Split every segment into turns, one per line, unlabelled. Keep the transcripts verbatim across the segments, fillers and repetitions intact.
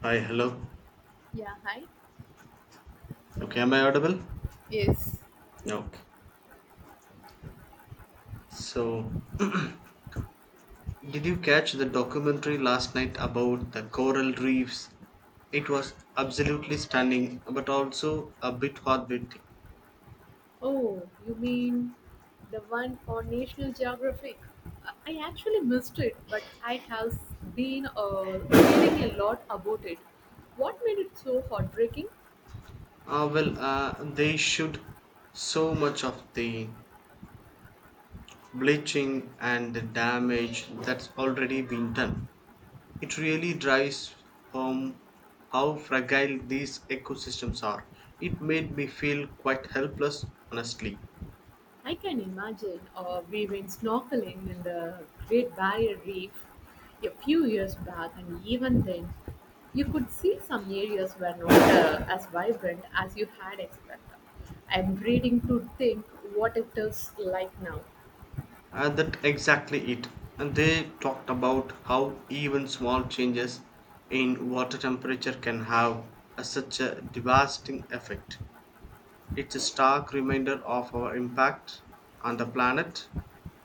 Hi, hello.
Yeah, hi.
Okay, am I audible?
Yes.
Okay. So, did you catch the documentary last night about the coral reefs? It was absolutely stunning, but also a bit heartbreaking.
Oh, you mean the one on National Geographic? I I actually missed it, but I have been uh, reading a lot about it. What made it so heartbreaking?
Ah, well, uh, they showed so much of the bleaching and the damage that's already been done. It really drives home how fragile these ecosystems are. It made me feel quite helpless, honestly.
I can imagine, uh, we went snorkeling in the Great Barrier Reef a few years back, and even then, you could see some areas were not uh, as vibrant as you had expected. I'm reading to think what it is like now.
Uh, that exactly it. And they talked about how even small changes in water temperature can have a, such a devastating effect. It's a stark reminder of our impact on the planet,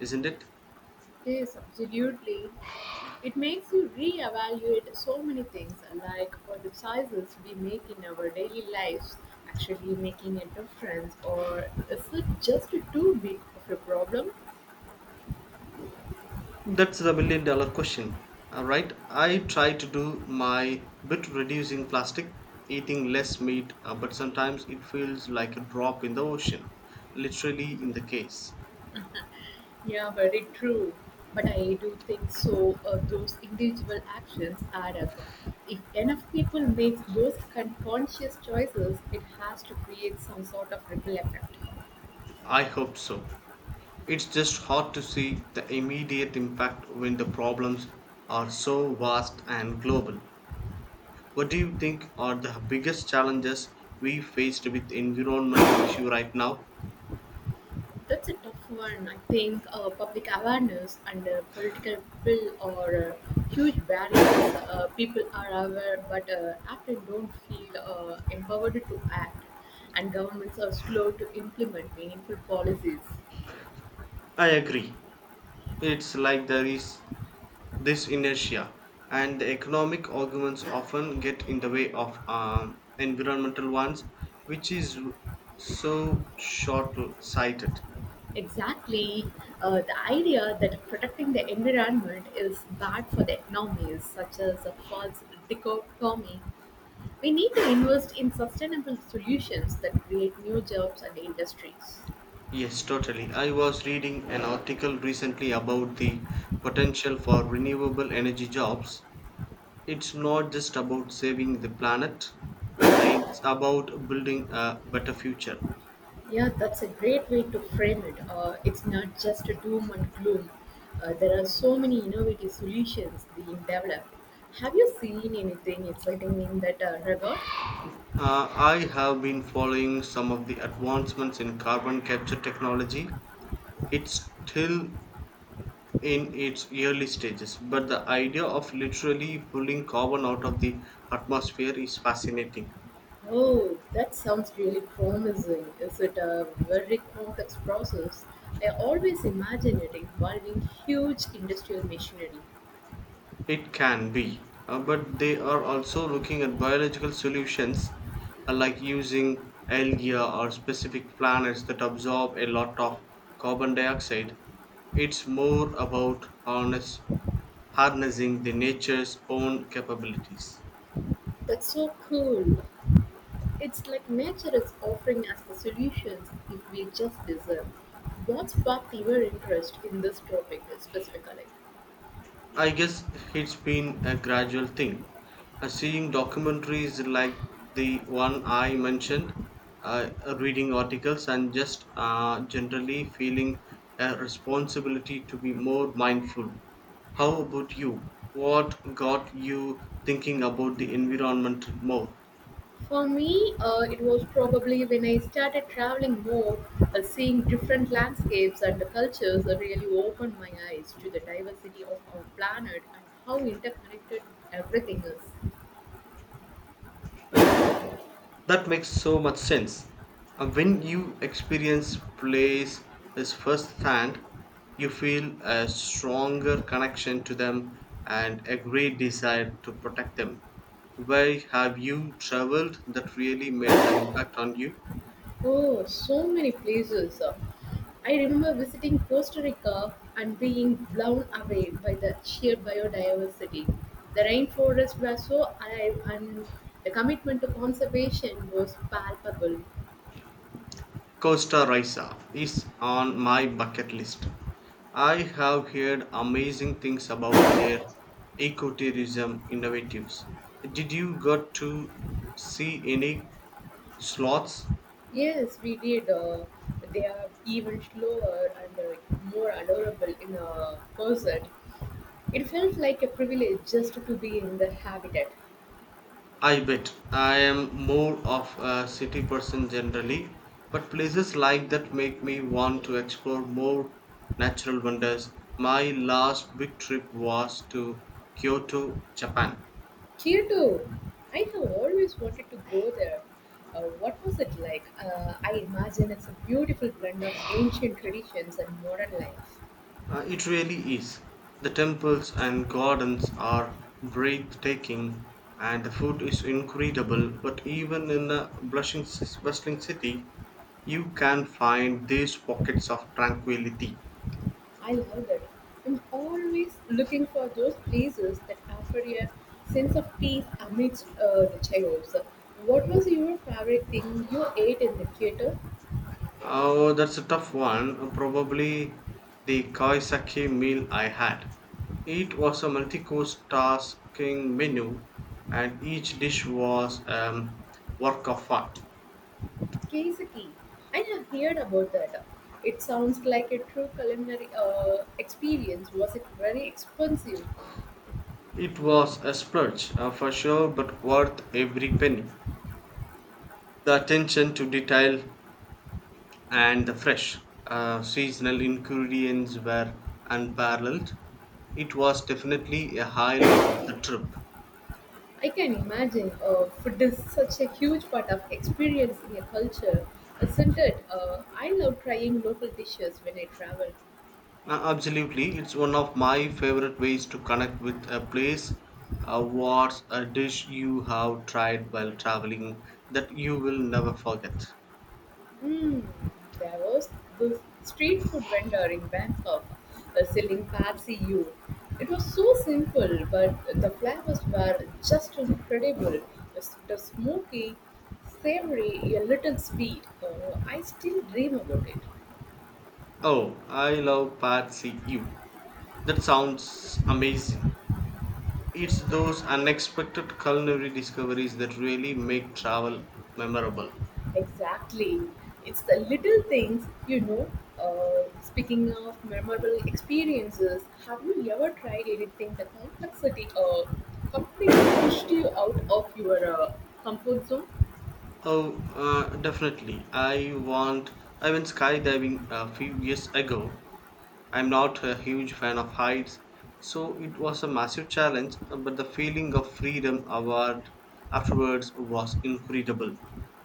isn't it?
Yes, absolutely. It makes you reevaluate so many things, like what the choices we make in our daily lives actually making a difference, or is it just too big of a problem?
That's the million dollar question. All right, I try to do my bit reducing plastic, eating less meat, uh, but sometimes it feels like a drop in the ocean, literally in the case.
Yeah, very true. But I do think so. Uh, those individual actions add up. If enough people make those con- conscious choices, it has to create some sort of ripple effect.
I hope so. It's just hard to see the immediate impact when the problems are so vast and global. What do you think are the biggest challenges we faced with environmental issue right now?
That's a tough one. I think uh, public awareness and uh, political will are uh, huge barriers. Uh, people are aware but uh, often don't feel uh, empowered to act, and governments are slow to implement meaningful policies.
I agree. It's like there is this inertia, and the economic arguments often get in the way of um, environmental ones, which is so short sighted.
Exactly. Uh, the idea that protecting the environment is bad for the economy is such as a false dichotomy. We need to invest in sustainable solutions that create new jobs and industries.
Yes, totally. I was reading an article recently about the potential for renewable energy jobs. It's not just about saving the planet, it's about building a better future.
Yeah, that's a great way to frame it. Uh, it's not just a doom and gloom. Uh, there are so many innovative solutions being developed. Have you seen anything exciting in that uh, regard?
Uh, I have been following some of the advancements in carbon capture technology. It's still in its early stages, but the idea of literally pulling carbon out of the atmosphere is fascinating.
Oh, that sounds really promising. Is it a very complex process? I always imagine it involving huge industrial machinery.
It can be, uh, but they are also looking at biological solutions uh, like using algae or specific planets that absorb a lot of carbon dioxide. It's more about harness, harnessing the nature's own capabilities.
That's so cool. It's like nature is offering us the solutions if we just listen. What sparked your interest in this topic specifically?
I guess it's been a gradual thing. Uh, seeing documentaries like the one I mentioned, uh, reading articles, and just uh, generally feeling a responsibility to be more mindful. How about you? What got you thinking about the environment more?
For me, uh, it was probably when I started traveling more, uh, seeing different landscapes and the cultures uh, really opened my eyes to the diversity of our planet and how interconnected everything is.
That makes so much sense. Uh, When you experience plays is firsthand, you feel a stronger connection to them and a great desire to protect them. Where have you traveled that really made an impact on you?
Oh, so many places. I remember visiting Costa Rica and being blown away by the sheer biodiversity. The rainforests were so alive and the commitment to conservation was palpable.
Costa Rica is on my bucket list. I have heard amazing things about their ecotourism innovatives. Did you got to see any Sloths?
Yes, we did. Uh, they are even slower and uh, more adorable in a person. It felt like a privilege just to be in the habitat.
I bet. I am more of a city person generally, but places like that make me want to explore more natural wonders. My last big trip was to Kyoto, Japan.
Kyoto. I have always wanted to go there. Uh, what was it like? Uh, I imagine it's a beautiful blend of ancient traditions and modern life.
Uh, it really is. The temples and gardens are breathtaking, and the food is incredible. But even in a blushing, bustling city, you can find these pockets of tranquility.
I love that. I'm always looking for those places that offer a sense of peace amidst uh, the chaos. What was your favorite thing you ate in the Kyoto?
Oh, that's a tough one. Probably the Kaisaki meal I had. It was a multi-course tasking menu, and each dish was a work of art.
Keiseki. I have heard about that. It sounds like a true culinary uh, experience. Was it very expensive?
It was a splurge uh, for sure, but worth every penny. The attention to detail and the fresh uh, seasonal ingredients were unparalleled. It was definitely a highlight of the trip.
I can imagine, uh, food is such a huge part of experiencing a culture, isn't it? Uh, I love trying local dishes when I travel.
Uh, absolutely, it's one of my favorite ways to connect with a place. Uh, what's a dish you have tried while traveling that you will never forget?
Mm, there was this street food vendor in Bangkok uh, selling Pad See Ew. It was so simple, but the flavors were just incredible. It's the smoky, savory, a little sweet. Uh, I still dream about it.
Oh, I love Pad See You. That sounds amazing. It's those unexpected culinary discoveries that really make travel memorable.
Exactly. It's the little things, you know. Uh, speaking of memorable experiences, have you ever tried anything the complexity uh, completely pushed you out of your uh, comfort zone?
Oh, uh, definitely. I want. I went skydiving a few years ago. I'm not a huge fan of heights, so it was a massive challenge. uh, But the feeling of freedom award afterwards was incredible.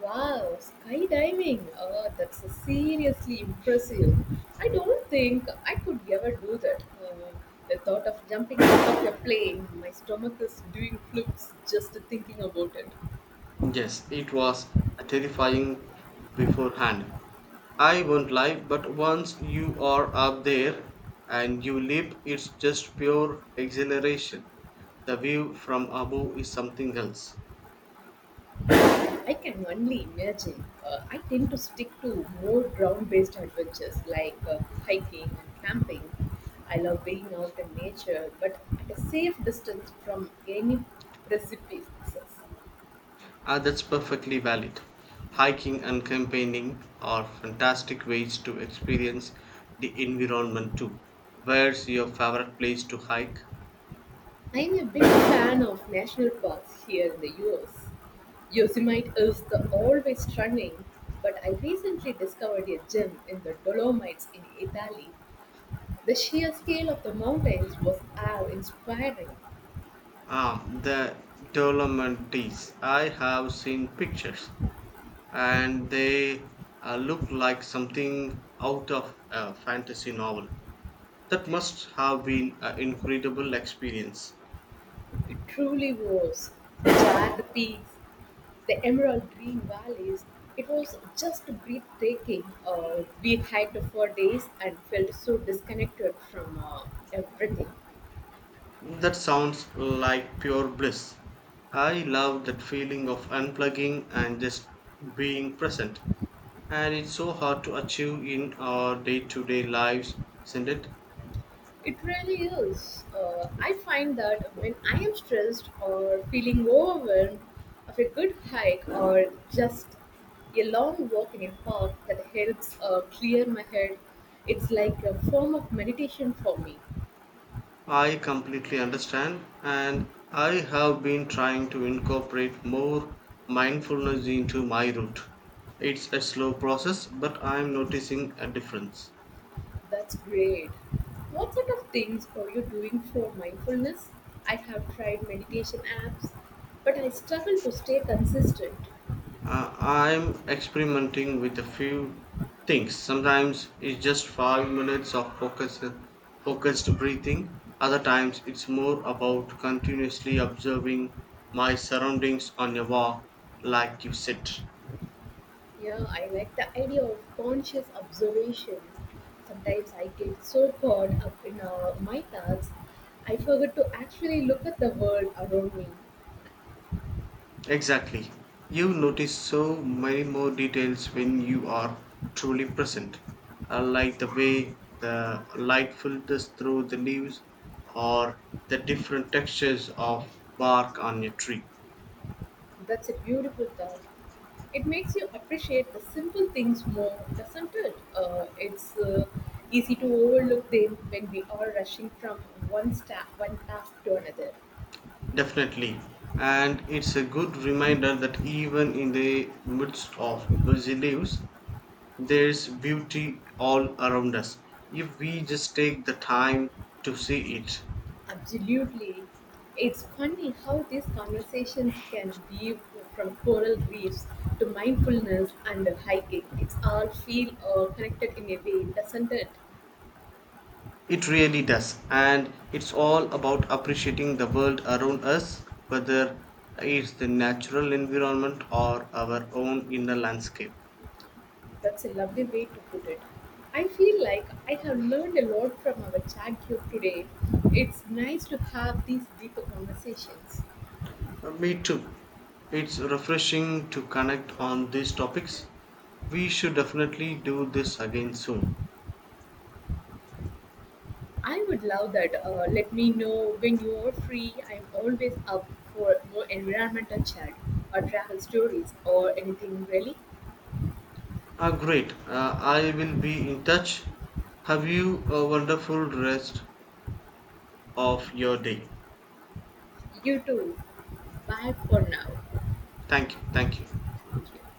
Wow, skydiving. Uh, that's a seriously impressive. I don't think I could ever do that. Uh, the thought of jumping out of a plane, my stomach is doing flips just thinking about it.
Yes, it was terrifying beforehand. I won't lie, but once you are up there and you leap, it's just pure exhilaration. The view from above is something else.
I can only imagine. Uh, I tend to stick to more ground based adventures like uh, hiking and camping. I love being out in nature, but at a safe distance from any precipices.
Ah, that's perfectly valid. Hiking and campaigning are fantastic ways to experience the environment too. Where's your favorite place to hike?
I'm a big fan of national parks here in the U S. Yosemite is the always stunning, but I recently discovered a gem in the Dolomites in Italy. The sheer scale of the mountains was awe inspiring.
Ah, the Dolomites. I have seen pictures, and they uh, look like something out of a fantasy novel. That must have been an incredible experience.
It truly was. The jagged peaks, the emerald green valleys, it was just breathtaking. Uh, we hiked for days and felt so disconnected from uh, everything.
That sounds like pure bliss. I love that feeling of unplugging and just being present. And it's so hard to achieve in our day to day lives, isn't it?
It really is. Uh, I find that when I am stressed or feeling overwhelmed, of a good hike or just a long walk in a park that helps uh, clear my head, it's like a form of meditation for me.
I completely understand, and I have been trying to incorporate more mindfulness into my route. It's a slow process, but I'm noticing a difference.
That's great. What sort of things are you doing for mindfulness? I have tried meditation apps, but I struggle to stay consistent.
Uh, I'm experimenting with a few things. Sometimes it's just five minutes of focused, focused breathing. Other times it's more about continuously observing my surroundings on a walk, like you said.
Yeah, I like the idea of conscious observation. Sometimes I get so caught up in uh, my thoughts, I forget to actually look at the world around me.
Exactly. You notice so many more details when you are truly present, Uh, like the way the light filters through the leaves or the different textures of bark on a tree.
That's a beautiful thought. It makes you appreciate the simple things more, doesn't it? Uh, it's uh, Easy to overlook them when we are rushing from one sta- one task to another.
Definitely. And it's a good reminder that even in the midst of busy lives, there's beauty all around us. If we just take the time to see it,
Absolutely. It's funny how these conversations can be from coral reefs to mindfulness and hiking. It's all feel uh, connected in a way, doesn't it?
it really does. And it's all about appreciating the world around us, whether it's the natural environment or our own inner landscape.
That's a lovely way to put it. I feel like I have learned a lot from our chat group today. It's nice to have these deeper conversations.
Uh, Me too. It's refreshing to connect on these topics. We should definitely do this again soon.
I would love that. Uh, let me know when you are free. I'm always up for more environmental chat or travel stories or anything really.
Ah, great. Uh, I will be in touch. Have you a wonderful rest of your day.
You too. Bye for now.
Thank you. Thank you.
Thank you.